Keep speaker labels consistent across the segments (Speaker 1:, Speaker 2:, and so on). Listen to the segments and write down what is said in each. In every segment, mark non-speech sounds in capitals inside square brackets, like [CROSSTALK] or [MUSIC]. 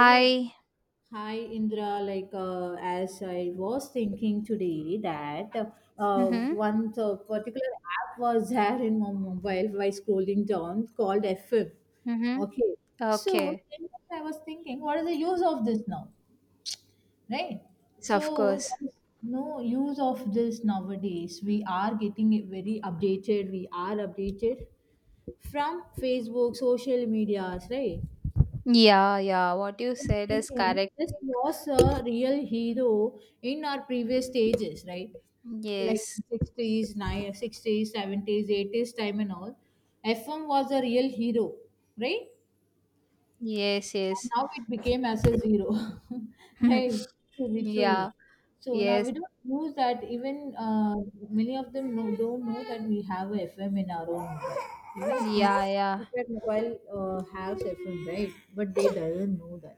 Speaker 1: Hello.
Speaker 2: I
Speaker 1: Hi Indra, like as I was thinking today that
Speaker 2: Mm-hmm,
Speaker 1: one particular app was [LAUGHS] there in my mobile while scrolling down called FM.
Speaker 2: mm-hmm.
Speaker 1: Okay, so
Speaker 2: Okay.
Speaker 1: then I was thinking, what is the use of this now, right?
Speaker 2: Yes, of
Speaker 1: So
Speaker 2: course.
Speaker 1: there is no use of this nowadays. We are getting it very updated. We are updated from Facebook, social medias, right?
Speaker 2: Yeah, yeah. What you
Speaker 1: I'm
Speaker 2: said is
Speaker 1: thinking
Speaker 2: correct.
Speaker 1: this was a real hero in our previous stages, right? Like
Speaker 2: Yes.
Speaker 1: 60s, 70s, 80s time and all. FM was a real hero, right?
Speaker 2: Yes, yes.
Speaker 1: And now it became as a zero, [LAUGHS]
Speaker 2: [LAUGHS]
Speaker 1: right? To be
Speaker 2: Yeah.
Speaker 1: true. So now
Speaker 2: Yes.
Speaker 1: we don't use that. Even many of them don't know that we have a FM in our own. You know, keep,
Speaker 2: Yeah, yeah.
Speaker 1: keep mobile has FM, right? But they doesn't know that,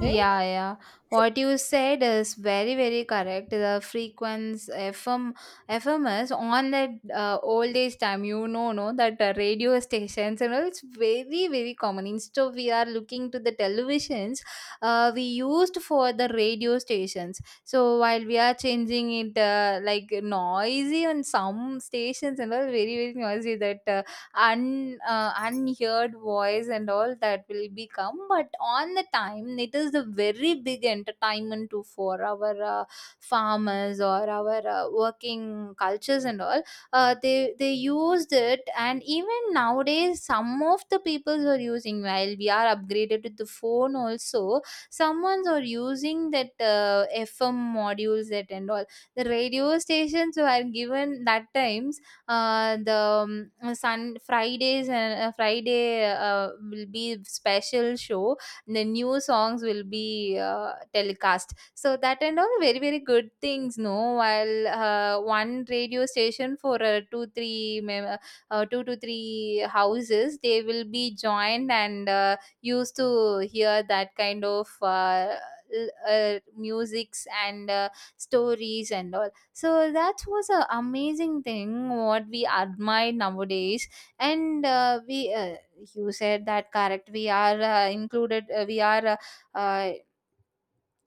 Speaker 1: right?
Speaker 2: Yeah, yeah. What you said is very, very correct. The frequency FM is on that old age time. You know, no, that radio stations and all. It's very, very common. Instead, of we are looking to the televisions. We used for the radio stations. So while we are changing it, like noisy on some stations and all, very, very noisy. That un unheard voice and all that will become but on the time it is a very big entertainment too for our farmers or our working cultures and all they used it and even nowadays some of the peoples are using while we are upgraded to the phone also someone's are using that FM modules that and all the radio stations were given that time the sun Fridays and Friday will be special show the new songs will be telecast so that and all very very good things no while one radio station for two to three houses they will be joined and used to hear that kind of musics and stories and all so that was a amazing thing what we admire nowadays and we you said that correct we are included we are uh,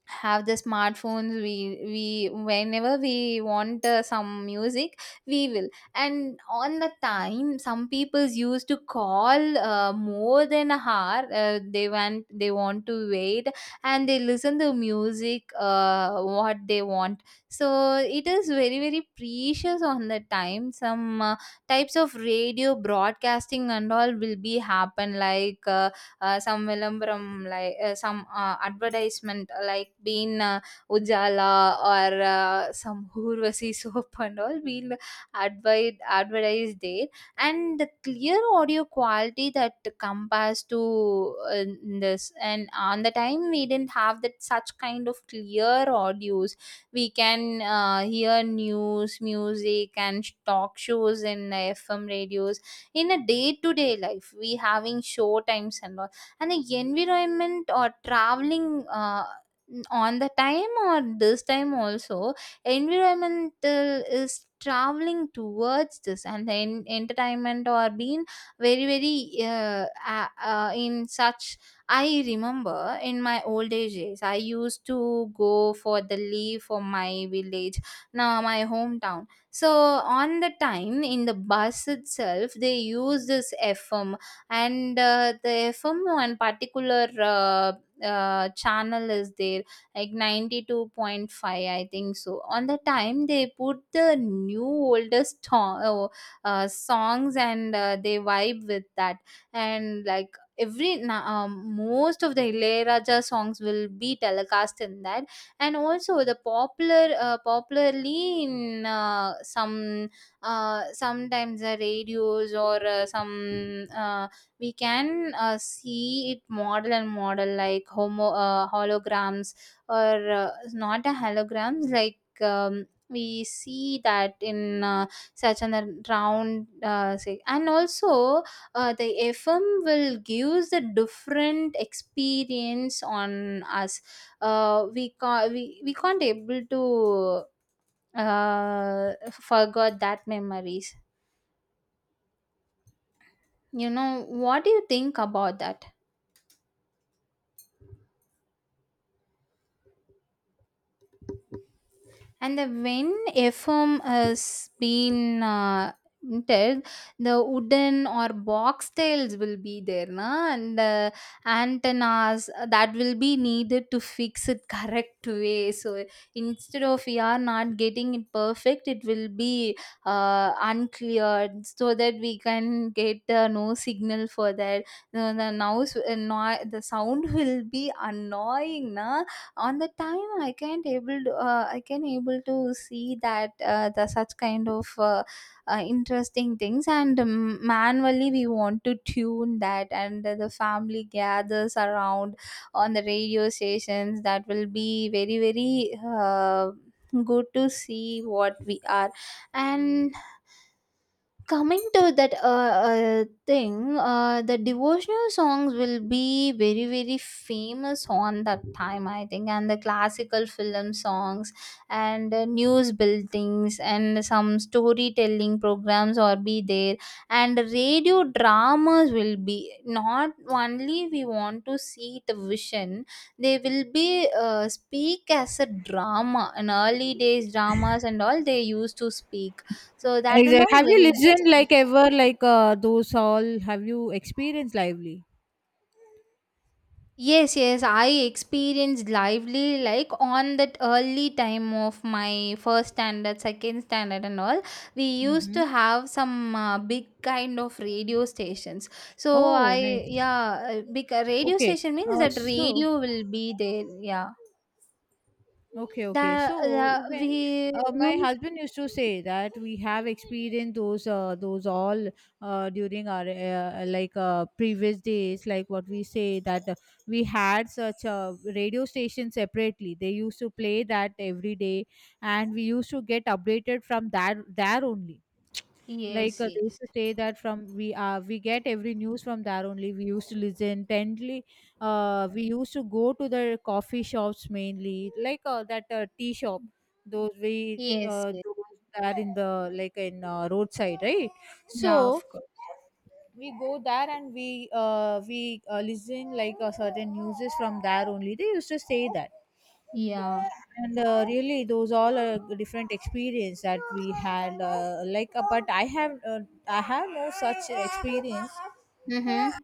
Speaker 2: have the smartphones we whenever we want some music we will and on the time some people used to call more than a hour they want to wait and they listen to music what they want so it is very very precious on the time some types of radio broadcasting and all will be happen like some vilambaram like some advertisement like being ujala or some urvasi soap and all we'll advise advertise there and the clear audio quality that compares to this and on the time we didn't have that such kind of clear audios we can hear news music and talk shows in FM radios in a day to day life we having show times and all and the environment or traveling on the time or this time also, environmental is traveling towards this and the entertainment or being very very in such. I remember in my old age days, I used to go for the leave for my village, now my hometown. So on the time in the bus itself, they use this FM and the fmo and particular channel is there like 92.5 I think so on the time they put the new oldest songs and they vibe with that and like most of the Ilayaraja songs will be telecast in that and also the popular popularly in some sometimes the radios or some we can see it model and model like homo holograms or not a holograms like we see that in such an round say and also the FM will gives a different experience on us we can't able to forget that memories. You know what do you think about that. And the when FM has been entered, the wooden or box tails will be there, na? And the antennas that will be needed to fix it correct way. So instead of we are not getting it perfect, it will be uncleared so that we can get no signal for that. The now the, noi- The sound [LAUGHS] will be annoying, na? On the time I can't able to, I can able to see that the such kind of interesting things and manually we want to tune that and the family gathers around on the radio stations that will be very very good to see what we are and coming to that thing the devotional songs will be very very famous on that time I think and the classical film songs and news buildings and some storytelling programs or be there and radio dramas will be not only we want to see the vision they will be speak as a drama in early days dramas and all they used to speak so that and
Speaker 1: Exactly.
Speaker 2: all
Speaker 1: Have you
Speaker 2: very
Speaker 1: listened
Speaker 2: interesting.
Speaker 1: like ever like those all? Have you experienced lively?
Speaker 2: Yes, yes, I experienced lively like on that early time of my first standard, second standard, and all. We used
Speaker 1: Mm-hmm.
Speaker 2: to have some big kind of radio stations. So
Speaker 1: Oh,
Speaker 2: I,
Speaker 1: nice.
Speaker 2: yeah, big radio
Speaker 1: Okay.
Speaker 2: station means that
Speaker 1: So
Speaker 2: radio will be there. Yeah,
Speaker 1: okay.
Speaker 2: that
Speaker 1: So
Speaker 2: the,
Speaker 1: even
Speaker 2: we
Speaker 1: my
Speaker 2: used.
Speaker 1: husband used to say that we have experienced those all during our like previous days, like what we say that we had such a radio station separately. They used to play that every day, and we used to get updated from that there only. Like
Speaker 2: Yes,
Speaker 1: they used
Speaker 2: yes,
Speaker 1: to say that from we get every news from there only. We used to listen tendly, we used to go to the coffee shops mainly, like that tea shop,
Speaker 2: yes, yes.
Speaker 1: those that in the like in roadside, right?
Speaker 2: Yeah,
Speaker 1: So
Speaker 2: of course.
Speaker 1: we go there and we listen, like certain news from there only they used to say that.
Speaker 2: Yeah.
Speaker 1: And really those all are different experience that we had, like but I have no such experience.
Speaker 2: Mm-hmm.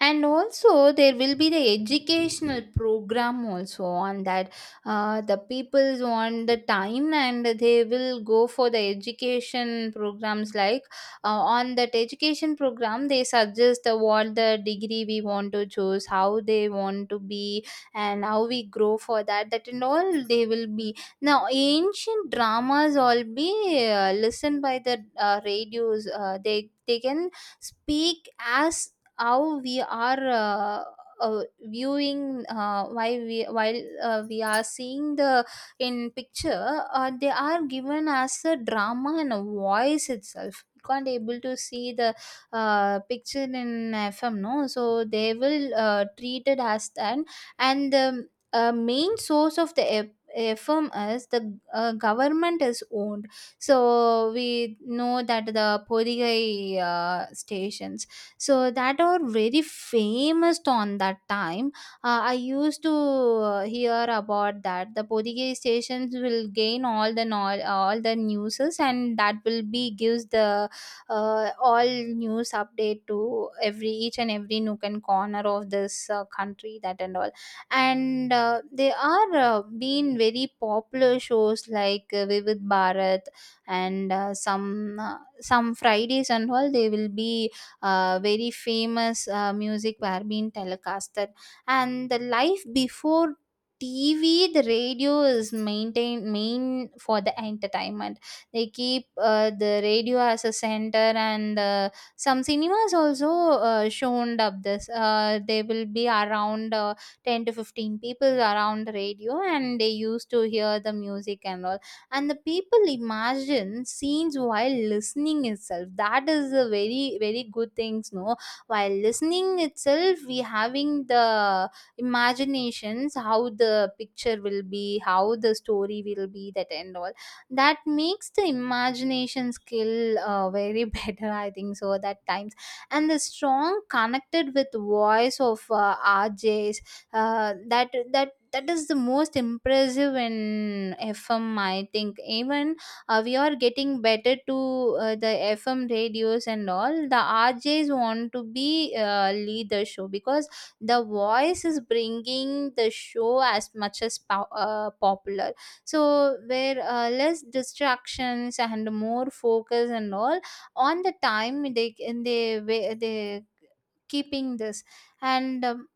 Speaker 2: And also there will be the educational program also on that the people want the time and they will go for the education programs like uh, on that education program they suggest what the degree we want to choose how they want to be and how we grow for that that and all they will be now ancient dramas all be listened by the radios they can speak as how we are viewing why we while we are seeing the in picture they are given as a drama and a voice itself you can't able to see the picture in FM no so they will treat it as that and the main source of the FM is the government is owned so we know that the Podigai stations so that are very famous on that time I used to hear about that the Podigay stations will gain all the all the newses and that will be gives the all news update to every each and every nook and corner of this country that and all and they are been very popular shows like Vivid Bharat and some Fridays and all they will be very famous music were being telecasted and the life before TV, the radio is maintained main for the entertainment. They keep the radio as a center, and some cinemas also shown up this. They will be around 10 to 15 people around the radio, and they used to hear the music and all and the people imagine scenes while listening itself that is a very very good things no while listening itself we having the imaginations how the picture will be how the story will be that and all that makes the imagination skill very [LAUGHS] better I think so that times and the strong connected with voice of RJs uh, that that that is the most impressive in FM I think even we are getting better to the FM radios and all the RJs want to be lead the show because the voice is bringing the show as much as popular so where less distractions and more focus and all on the time they they keeping this and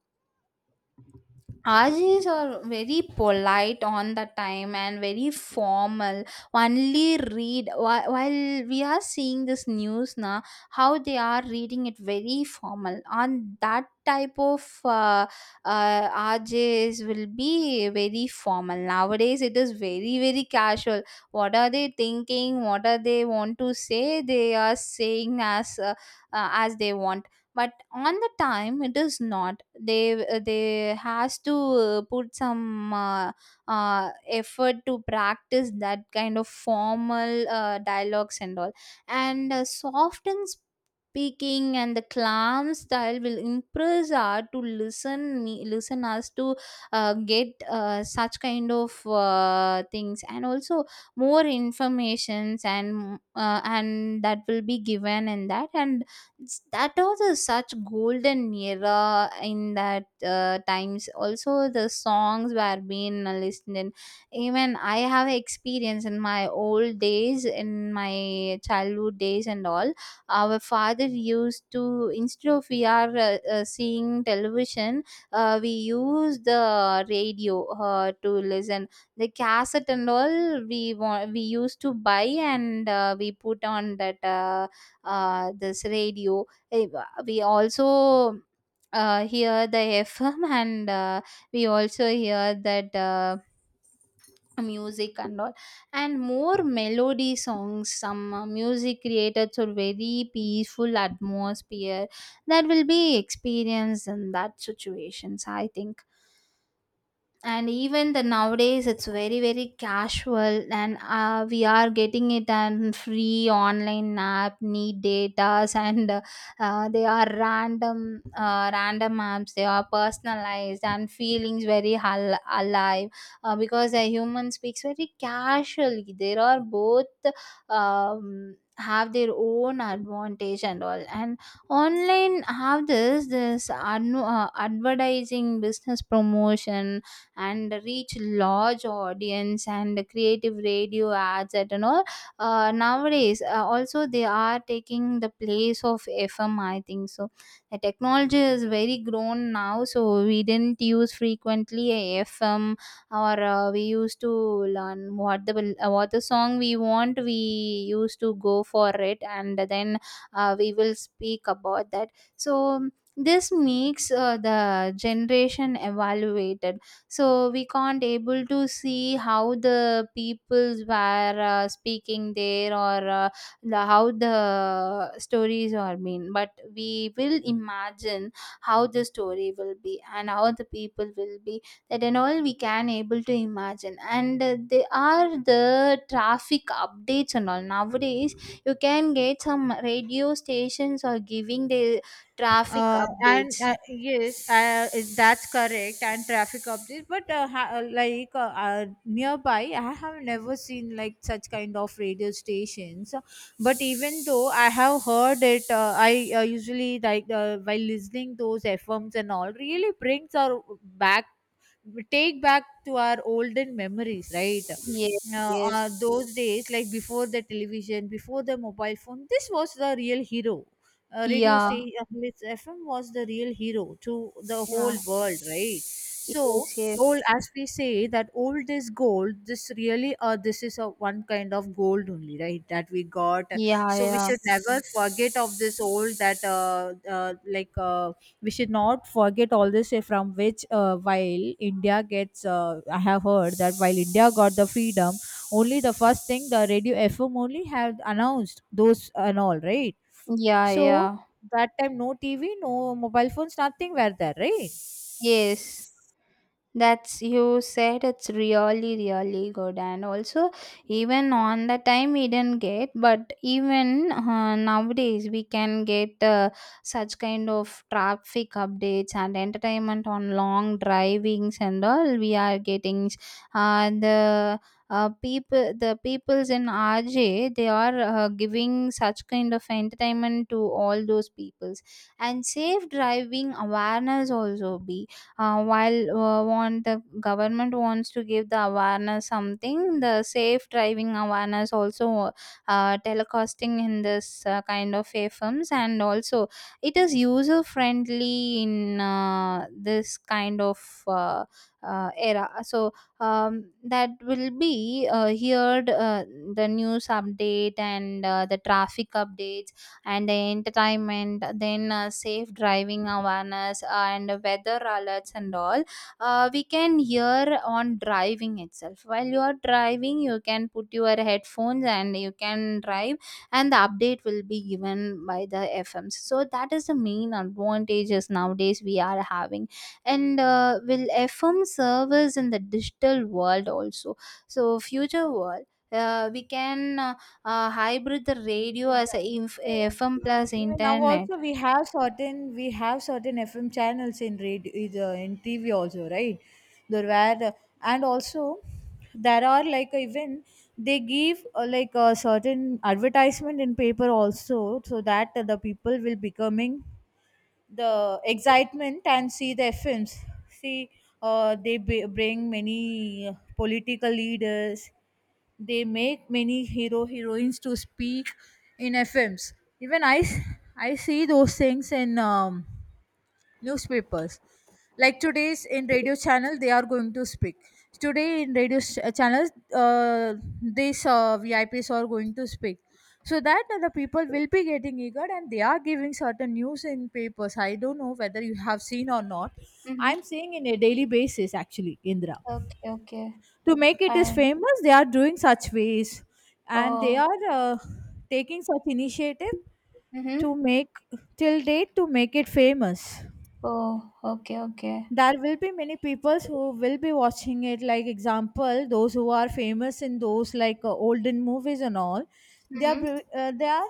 Speaker 2: Ajis are very polite on the time and very formal. Only read while we are seeing this news now, how they are reading it very formal. On that type of Ajis will be very formal. Nowadays, it is very very casual. What are they thinking? What are they want to say? They are saying as they want but on the time it is not they has to put some effort to practice that kind of formal dialogues and all and soft and speaking and the calm style will impress us to listen me listen us to get such kind of things and also more informations and that will be given in that and that was a such golden era in that times also the songs were being listened even I have experience in my old days in my childhood days and all our father used to instead of we are seeing television we use the radio to listen the cassette and all we want we used to buy and we put on that this radio. Eh, We also hear the FM [LAUGHS] and we also hear that music and all, and more melody songs, some music created through very peaceful atmosphere. That will be experienced in that situations, I think. And even the nowadays it's very casual, and we are getting it on free online app, need datas, and they are random apps, they are personalized and feelings very alive, because a human speaks very casually. There are both, have their own advantage and all. And online have this this adno- advertising business promotion and reach large audience and creative radio ads at and all. Nowadays also they are taking the place of FM, I think so. The technology is very grown now, so we didn't use frequently a FM, or we used to learn what the song we want. We used to go for it, and then we will speak about that. So this makes the generation evaluated. So we can't able to see how the peoples were speaking there, or the, how the stories are mean, but we will imagine how the story will be and how the people will be. That and all we can able to imagine. And they are the traffic updates and all nowadays. You can get some radio stations are giving the traffic
Speaker 1: And
Speaker 2: updates.
Speaker 1: Yes, that's correct, and traffic updates. But like nearby I have never seen like such kind of radio stations, but even though I have heard it. I usually, like while listening those FMs and all, really brings our back, take back to our olden memories, right?
Speaker 2: Yes, yes.
Speaker 1: Those days like before the television, before the mobile phone, this was the real hero. Radio
Speaker 2: Yeah,
Speaker 1: station, FM was the real hero to the whole
Speaker 2: yeah.
Speaker 1: world, right? So
Speaker 2: Yes, yes.
Speaker 1: old, as we say that old is gold, this really, this is a one kind of gold only, right, that we got.
Speaker 2: Yeah,
Speaker 1: So we
Speaker 2: yeah.
Speaker 1: should never forget of this old that like we should not forget all this, from which while india gets I have heard that while India got the freedom, only the first thing the radio, FM only had announced those and all, right?
Speaker 2: Yeah,
Speaker 1: So
Speaker 2: yeah.
Speaker 1: that time no TV, no mobile phones, nothing were there, right?
Speaker 2: Yes. That's, you said it's really good. And also, even on the time we didn't get, but even nowadays we can get such kind of traffic updates and entertainment on long drivings and all we are getting. The People, the peoples in RJ, they are giving such kind of entertainment to all those peoples. And safe driving awareness also be, while want the government wants to give the awareness something, the safe driving awareness also telecasting in this kind of firms. And also, it is user friendly in this kind of era. So that will be heard the news update and the traffic updates and the entertainment, then safe driving awareness and weather alerts and all. We can hear on driving itself. While you are driving, you can put your headphones and you can drive, and the update will be given by the FMs. So that is the main advantages nowadays we are having. And will FM serve in the digital world also? So future world. We can hybrid the radio as a
Speaker 1: Exactly. So,
Speaker 2: FM
Speaker 1: and
Speaker 2: plus
Speaker 1: even now
Speaker 2: internet.
Speaker 1: also we have certain FM channels in radio is, in TV also, right? There were, and also there are, like even they give like a certain advertisement in paper also, so that the people will becoming the excitement and see their films. See, bring many political leaders. They make many hero heroines to speak in their films. Even I see those things in newspapers, like today's in radio channel they are going to speak, today in channels, these VIPs are going to speak, so that the people will be getting eager, and they are giving certain news in papers. I don't know whether you have seen or not.
Speaker 2: Mm-hmm.
Speaker 1: I'm seeing in a daily basis actually, Indra,
Speaker 2: Okay, okay.
Speaker 1: to make it as
Speaker 2: And
Speaker 1: famous. They are doing such ways, and they
Speaker 2: oh,
Speaker 1: are taking such initiative
Speaker 2: mm-hmm.
Speaker 1: to make, till date, to make it famous.
Speaker 2: Oh, okay, okay.
Speaker 1: There will be many people who will be watching it, like example those who are famous in those, like olden movies and all.
Speaker 2: Mm-hmm.
Speaker 1: They are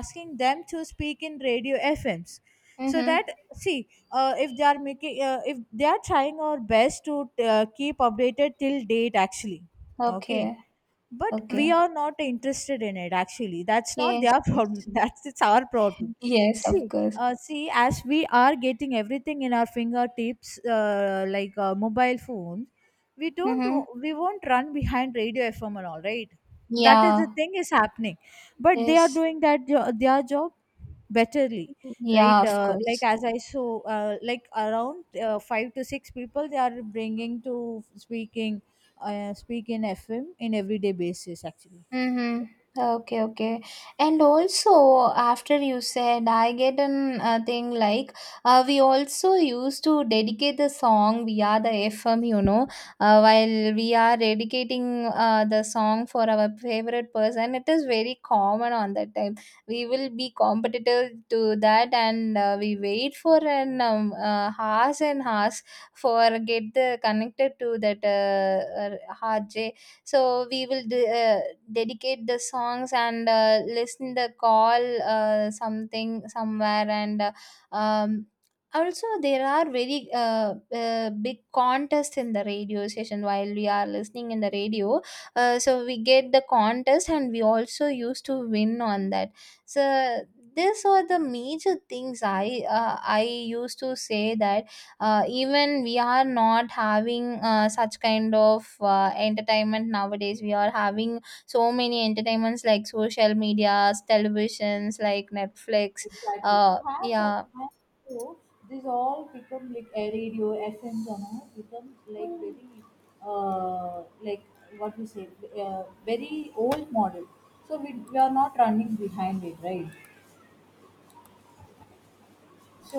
Speaker 1: asking them to speak in radio FMs, so
Speaker 2: Mm-hmm.
Speaker 1: that, see if they are trying our best to keep updated till date actually. Okay,
Speaker 2: Okay,
Speaker 1: but we
Speaker 2: okay.
Speaker 1: are not interested in it actually. That's not
Speaker 2: Yes,
Speaker 1: their [LAUGHS]
Speaker 2: yes.
Speaker 1: problem, that's, it's our problem.
Speaker 2: Yes, of
Speaker 1: See
Speaker 2: course.
Speaker 1: see, as we are getting everything in our fingertips, like mobile phones, we don't
Speaker 2: Mm-hmm.
Speaker 1: w- we won't run behind radio, FM and all, right? That is the
Speaker 2: Yeah,
Speaker 1: thing is happening, but they are
Speaker 2: yes.
Speaker 1: doing their job betterly,
Speaker 2: Yeah,
Speaker 1: right?
Speaker 2: of
Speaker 1: Like,
Speaker 2: course.
Speaker 1: as I saw, like around 5 to 6 people they are bringing to speaking speak in FM in everyday basis actually.
Speaker 2: Mm-hmm. Okay, okay. And also, after you said, I get an thing like, we also used to dedicate the song via the FM, while we are dedicating the song for our favorite person. It is very common on that time. We will be competitive to that, and we wait for an hours and hours for get the connected to that so we will dedicate the songs and listen the call something somewhere, and um, also there are very big contests in the radio station while we are listening in the radio. So we get the contest, and we also used to win on that. So these are the major things I I used to say that even we are not having such kind of entertainment nowadays we are having. So many entertainments like social medias, televisions, like Netflix.
Speaker 1: Exactly. Perhaps at
Speaker 2: Yeah.
Speaker 1: times too, this all become like a radio, FMs, and all become like very, like, what we say, very old model. So we are not running behind it, right?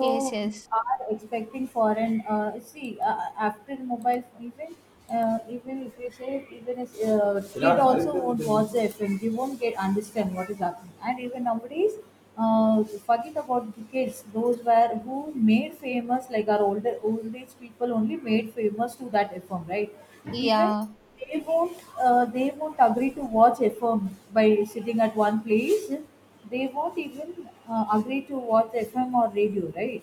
Speaker 2: Yes,
Speaker 1: we
Speaker 2: yes.
Speaker 1: are expecting foreign. See, after mobile, even if kid also won't watch the FM, they won't get understand what is happening. And even nowadays, forget about the kids. Those were who made famous, like our old age people only made famous to that FM, right? Even
Speaker 2: Yeah.
Speaker 1: they won't agree to watch FM by sitting at one place. They won't even agree to watch FM or radio, right?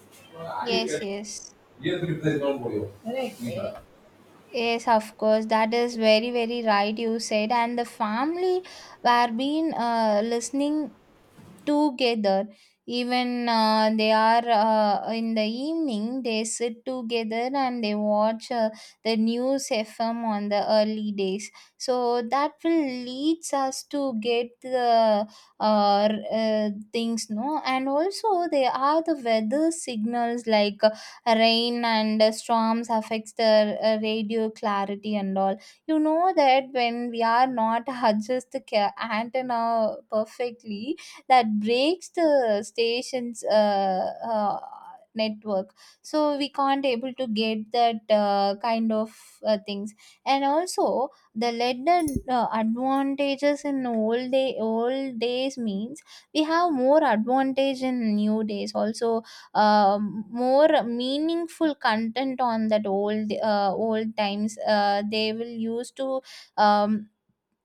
Speaker 2: Yes, yes.
Speaker 1: Yes, it is not for you.
Speaker 2: Eh,
Speaker 1: Correct.
Speaker 2: yes, of course, that is very right you said. And the family were been listening together. Even they are in the evening they sit together, and they watch the news FM on the early days. So that will leads us to get the things, no. And also there are the weather signals, like rain and storms affects the radio clarity and all. You know that when we are not [LAUGHS] adjust the antenna perfectly, that breaks the station's network. So we can't able to get that kind of things. And also, the leaden advantages in old days means we have more advantage in new days also. More meaningful content on that old times, they will use to um,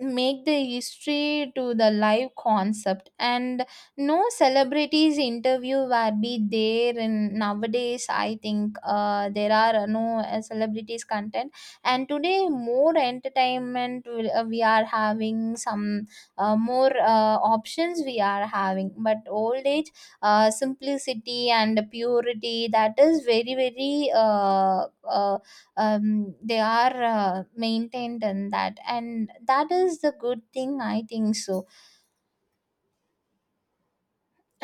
Speaker 2: make the history to the live concept. And no celebrities interview were be there, and nowadays I think there are no celebrities content. And today more entertainment we are having some more options we are having. But old age simplicity and purity, that is very they are maintained in that, and that is the good thing I think so.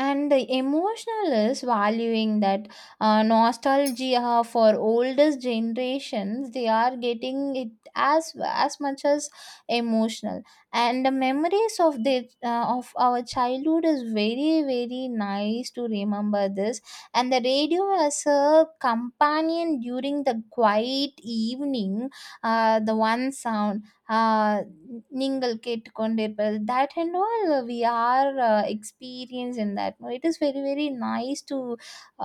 Speaker 2: And the emotional is valuing that, nostalgia for oldest generations, they are getting it as much as emotional. And the memories of the of our childhood is very, very nice to remember this. And the radio as a companion during the quiet evening, the one sound, ஆ, நீங்கள் கேட்டுக்கொண்டிருப்பது. That and all we are experienced in that. No, it is very, very nice to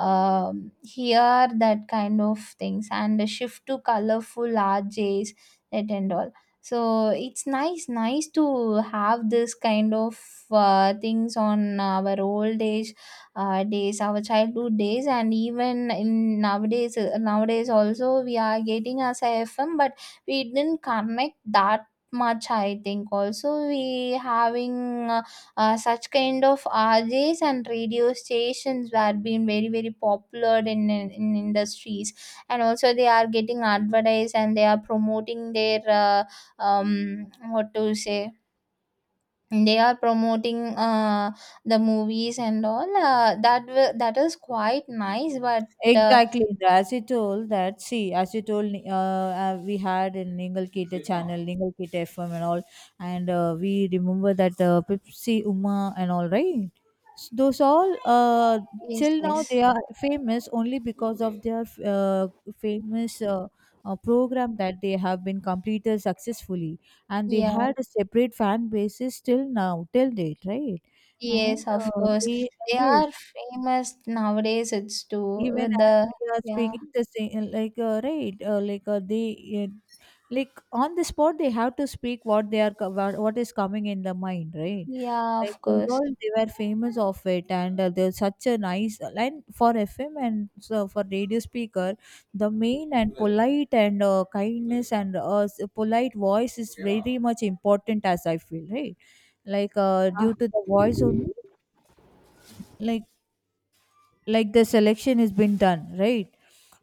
Speaker 2: um hear that kind of things. And the shift to colorful RJs, that and all. So it's nice, nice to have this kind of things on our old age days, our childhood days, and even in nowadays. Nowadays also we are getting as a FM, but we didn't connect that much, I think. Also we having uh, such kind of RJs and radio stations were being very, very popular in, in industries. And also they are getting advertised, and they are promoting their what to say, they are promoting uh, the movies and all. That that is quite nice, but uh,
Speaker 1: Exactly, the acetal, that, see, acetal, we had in Ningal Kita channel, Ningal Kita FM and all, and we remember that Pepsi Uma and all, right? Those all,
Speaker 2: yes,
Speaker 1: till now
Speaker 2: yes.
Speaker 1: they are famous only because of their famous program that they have been completed successfully, and they
Speaker 2: Yeah.
Speaker 1: had a separate fan bases till now, till date, right? And
Speaker 2: Yes, of course.
Speaker 1: they
Speaker 2: They are
Speaker 1: yes,
Speaker 2: famous nowadays. It's too
Speaker 1: even
Speaker 2: with
Speaker 1: as
Speaker 2: the
Speaker 1: we are
Speaker 2: yeah,
Speaker 1: speaking the same, like right, like they like on the spot they have to speak what they are what is coming in the mind, right?
Speaker 2: yeah,
Speaker 1: Like
Speaker 2: of
Speaker 1: those
Speaker 2: course.
Speaker 1: all, they were famous of it. And there's such a nice line for FM, and so for radio speaker, the main and polite and, kindness and, polite voice is very much important as I feel, right? Like
Speaker 2: Ah,
Speaker 1: due to the voice only, like the selection has been done, right?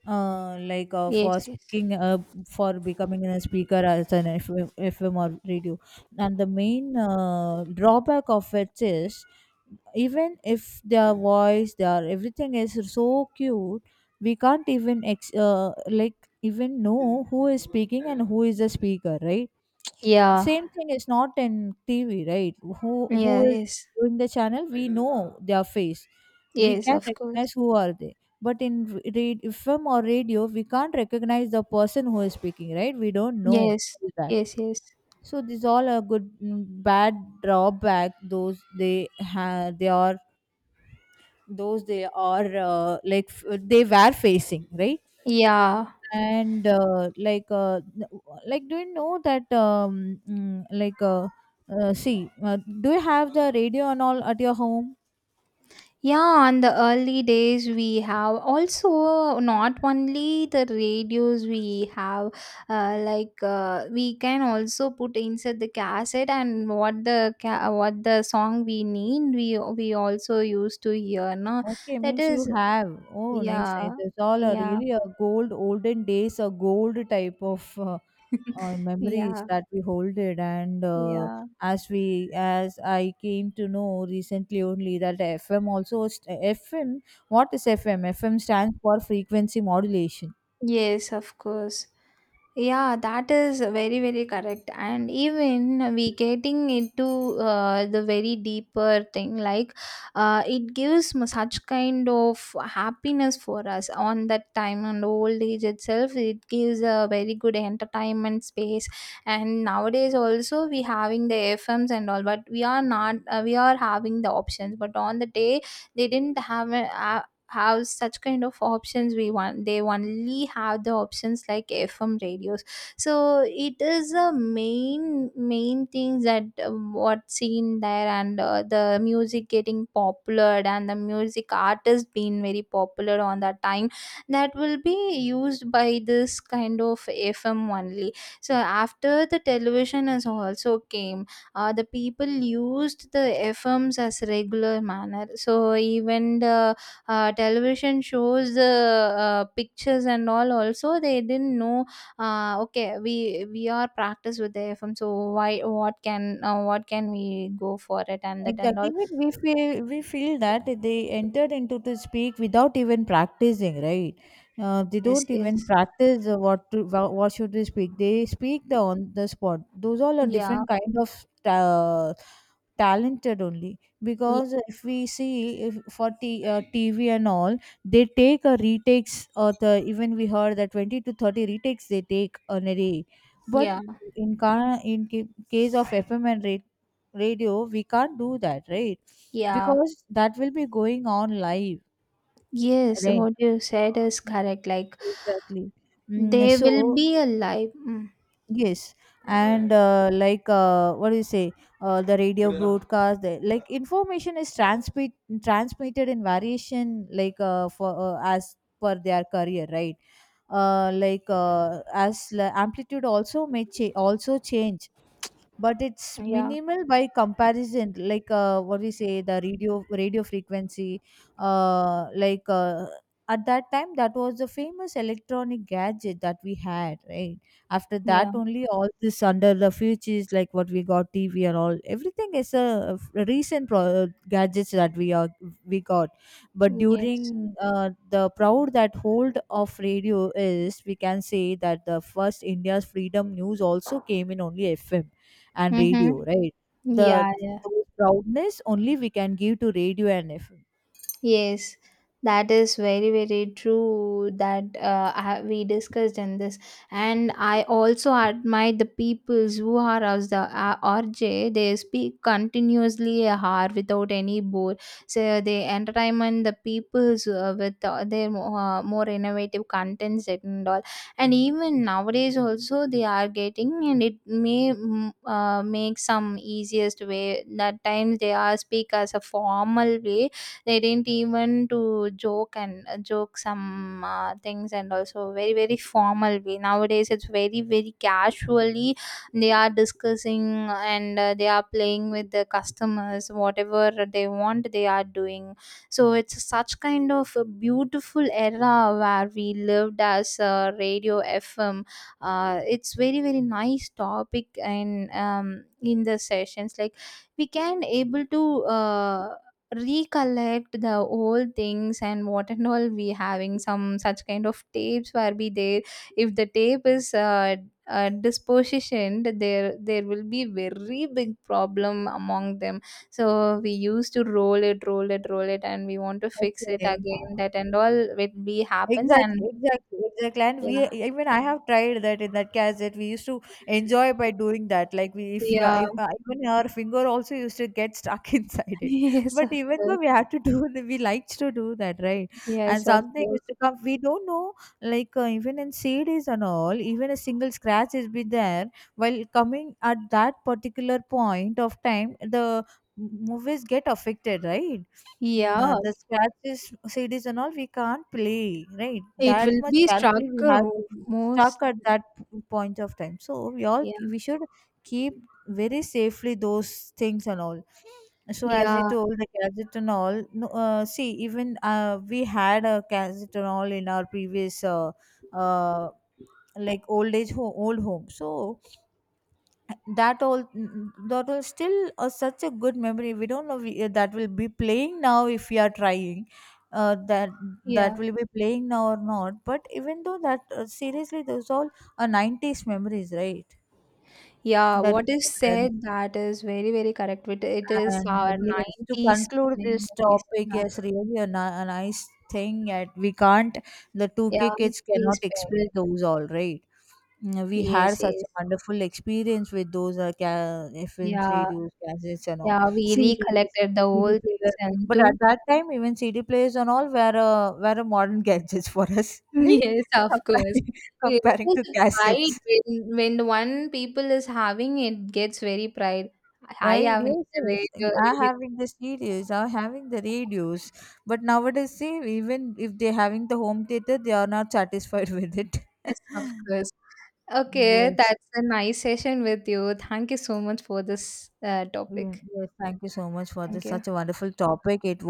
Speaker 1: Like
Speaker 2: yes,
Speaker 1: for
Speaker 2: yes.
Speaker 1: speaking for becoming a speaker as an FM, FM or radio. And the main drawback of it is, even if their voice, their everything is so cute, we can't even like even know who is speaking and who is the speaker, right?
Speaker 2: Yeah,
Speaker 1: Same thing is not in TV, right? Who
Speaker 2: yeah,
Speaker 1: who is
Speaker 2: yes,
Speaker 1: doing the channel? We know their face. We
Speaker 2: yes,
Speaker 1: can
Speaker 2: of course.
Speaker 1: recognize who are they. But in FM or radio, we can't recognize the person who is speaking, right? We don't know
Speaker 2: Yes,
Speaker 1: who is that.
Speaker 2: yes, yes.
Speaker 1: So these all are good, mm, bad drawback. Those they have, they are, those they are, like they were facing, right?
Speaker 2: Yeah.
Speaker 1: And like like, do you know that, like, see, do you have the radio and all at your home?
Speaker 2: Yeah, on the early days we have also not only the radios we have, we can also put inside the cassette, and what the what the song we need, we also used to hear, no.
Speaker 1: Okay,
Speaker 2: That
Speaker 1: means you
Speaker 2: is
Speaker 1: have. Oh, nice, nice,
Speaker 2: yeah,
Speaker 1: it's all a
Speaker 2: yeah.
Speaker 1: really a gold olden days, a gold type of
Speaker 2: [LAUGHS]
Speaker 1: memories
Speaker 2: Yeah,
Speaker 1: that we hold it. And
Speaker 2: yeah.
Speaker 1: as we as I came to know recently only that FM also, FM, what is FM? FM stands for frequency modulation.
Speaker 2: Yes, of course. Yeah, that is very, very correct. And even we getting into the very deeper thing, like it gives such kind of happiness for us on that time and old age itself. It gives a very good entertainment space. And nowadays also we having the FMs and all, but we are not. We are having the options, but on the day they didn't have a have such kind of options we want. They only have the options like FM radios. So it is a main things that what seen there. And the music getting popular and the music artist being very popular on that time, that will be used by this kind of FM only. So after the television has also came, the people used the FMs as regular manner. So even the television shows pictures and all also they didn't know. Okay, we are practiced with the FM, so why, what can we go for it, and that and
Speaker 1: Exactly.
Speaker 2: all.
Speaker 1: Even we feel that they entered into to speak without even practicing, right? They
Speaker 2: Yes,
Speaker 1: don't even
Speaker 2: yes.
Speaker 1: practice what should they speak. They speak the on the spot. Those all are
Speaker 2: Yeah.
Speaker 1: different kind of ta- talented only,
Speaker 2: y-
Speaker 1: because if we see, if for t- TV and all, they take a retakes, or the, even we heard that 20 to 30 retakes they take on a day. But
Speaker 2: yeah.
Speaker 1: in case of FM and radio, we can't do that, right?
Speaker 2: Yeah,
Speaker 1: Because that will be going on live,
Speaker 2: yes.
Speaker 1: right?
Speaker 2: What you said is correct, like
Speaker 1: Exactly. Mm,
Speaker 2: they
Speaker 1: so
Speaker 2: will be alive, mm.
Speaker 1: yes. And like what do you say, the radio broadcast the, like information is transmitted in variation, like for as per their career, right? Like as amplitude also may also change, but it's
Speaker 2: Yeah,
Speaker 1: minimal by comparison, like what we say the radio frequency. Like at that time, that was the famous electronic gadget that we had, right? After that
Speaker 2: yeah,
Speaker 1: only all this under the futures, like what we got, TV and all. Everything is a recent gadgets that we got. But
Speaker 2: yes.
Speaker 1: during the proud that hold of radio is, we can say that the first India's freedom news also came in only FM and
Speaker 2: Mm-hmm.
Speaker 1: radio, right? The
Speaker 2: Yeah, yeah.
Speaker 1: Those proudness only we can give to radio and FM.
Speaker 2: Yes, that is very, very true that we discussed in this. And I also admire the peoples who are as the RJ. They speak continuously a without any bore. So they entertainment the peoples with their more innovative contents and all. And even nowadays also they are getting, and it may mm, make some easiest way. That times they are speak as a formal way, they didn't even to joke, and joke some things, and also very, very formal way. Nowadays it's very, very casually they are discussing, and they are playing with the customers whatever they want they are doing. So it's such kind of a beautiful era where we lived as radio FM. It's very, very nice topic. And in the sessions like, we can able to recollect the old things, and what and all we having some such kind of tapes where be there. If the tape is dispositioned there, there will be very big problem among them. So we used to roll it, and we want to fix it
Speaker 1: Okay.
Speaker 2: again, that and all will be happens.
Speaker 1: Exactly,
Speaker 2: And
Speaker 1: exactly, exactly. And we,
Speaker 2: yeah,
Speaker 1: even I have tried that in that cassette. We used to enjoy by doing that. Like we,
Speaker 2: yeah.
Speaker 1: if even our finger also used to get stuck [LAUGHS] inside
Speaker 2: [LAUGHS]
Speaker 1: it.
Speaker 2: Yes,
Speaker 1: But
Speaker 2: of
Speaker 1: even though
Speaker 2: course.
Speaker 1: we had to do, [LAUGHS] we liked to do that, right?
Speaker 2: Yes,
Speaker 1: And
Speaker 2: of
Speaker 1: something used
Speaker 2: course.
Speaker 1: to come, we don't know. Like even in CDs and all, even a single scratch has been there. While coming at that particular point of time, the movies get affected, right? Mm,
Speaker 2: Yeah,
Speaker 1: the scratches, CDs and all, we can't play, right?
Speaker 2: it
Speaker 1: That
Speaker 2: will
Speaker 1: much
Speaker 2: be struck
Speaker 1: carefully we
Speaker 2: a
Speaker 1: have to, stuck
Speaker 2: most.
Speaker 1: at that point of time. So we all,
Speaker 2: Yeah,
Speaker 1: we should keep very safely those things and all. So as we
Speaker 2: yeah.
Speaker 1: told the gadget and all, no, see, even we had a gadget and all in our previous uh, like old age old home. So that all, that was still a such a good memory, we don't know, we, that will be playing now if we are trying that,
Speaker 2: Yeah.
Speaker 1: that will be playing now or not. But even though that, seriously those all are 90s memories, right?
Speaker 2: Yeah,
Speaker 1: That,
Speaker 2: what is said that is very, very correct. It is
Speaker 1: and
Speaker 2: our
Speaker 1: yes, to
Speaker 2: 90s
Speaker 1: conclude this
Speaker 2: memories.
Speaker 1: topic,
Speaker 2: Yeah,
Speaker 1: yes, really a nice thing. That we can't, The 2K
Speaker 2: yeah,
Speaker 1: kids cannot
Speaker 2: please
Speaker 1: express
Speaker 2: bear.
Speaker 1: those all, right? Mm, we
Speaker 2: Yes,
Speaker 1: had such
Speaker 2: yes.
Speaker 1: a wonderful experience with those FM
Speaker 2: Yeah,
Speaker 1: radios, cassettes, and all
Speaker 2: yeah, we
Speaker 1: CDs,
Speaker 2: recollected the
Speaker 1: CD
Speaker 2: old things
Speaker 1: player.
Speaker 2: and
Speaker 1: But at
Speaker 2: too.
Speaker 1: that time, even CD players and all were a modern [LAUGHS] gadgets for us,
Speaker 2: [LAUGHS]
Speaker 1: [LAUGHS] right?
Speaker 2: Yes, of course.
Speaker 1: Comparing,
Speaker 2: It
Speaker 1: Comparing
Speaker 2: was
Speaker 1: to
Speaker 2: a pride
Speaker 1: cassettes.
Speaker 2: when one people is having it gets very pride. I
Speaker 1: Right,
Speaker 2: having
Speaker 1: yes,
Speaker 2: the
Speaker 1: yes.
Speaker 2: radio,
Speaker 1: Are
Speaker 2: radio.
Speaker 1: having the stereos, are having the radios. But nowadays, see, even if they're having the home theater, they are not satisfied with it. [LAUGHS]
Speaker 2: Yes, of course. Okay,
Speaker 1: Yes,
Speaker 2: that's a nice session with you. Thank you so much for this
Speaker 1: yes,
Speaker 2: topic.
Speaker 1: yes. Thank you so much for
Speaker 2: Thank
Speaker 1: this
Speaker 2: you.
Speaker 1: such a wonderful topic. It was.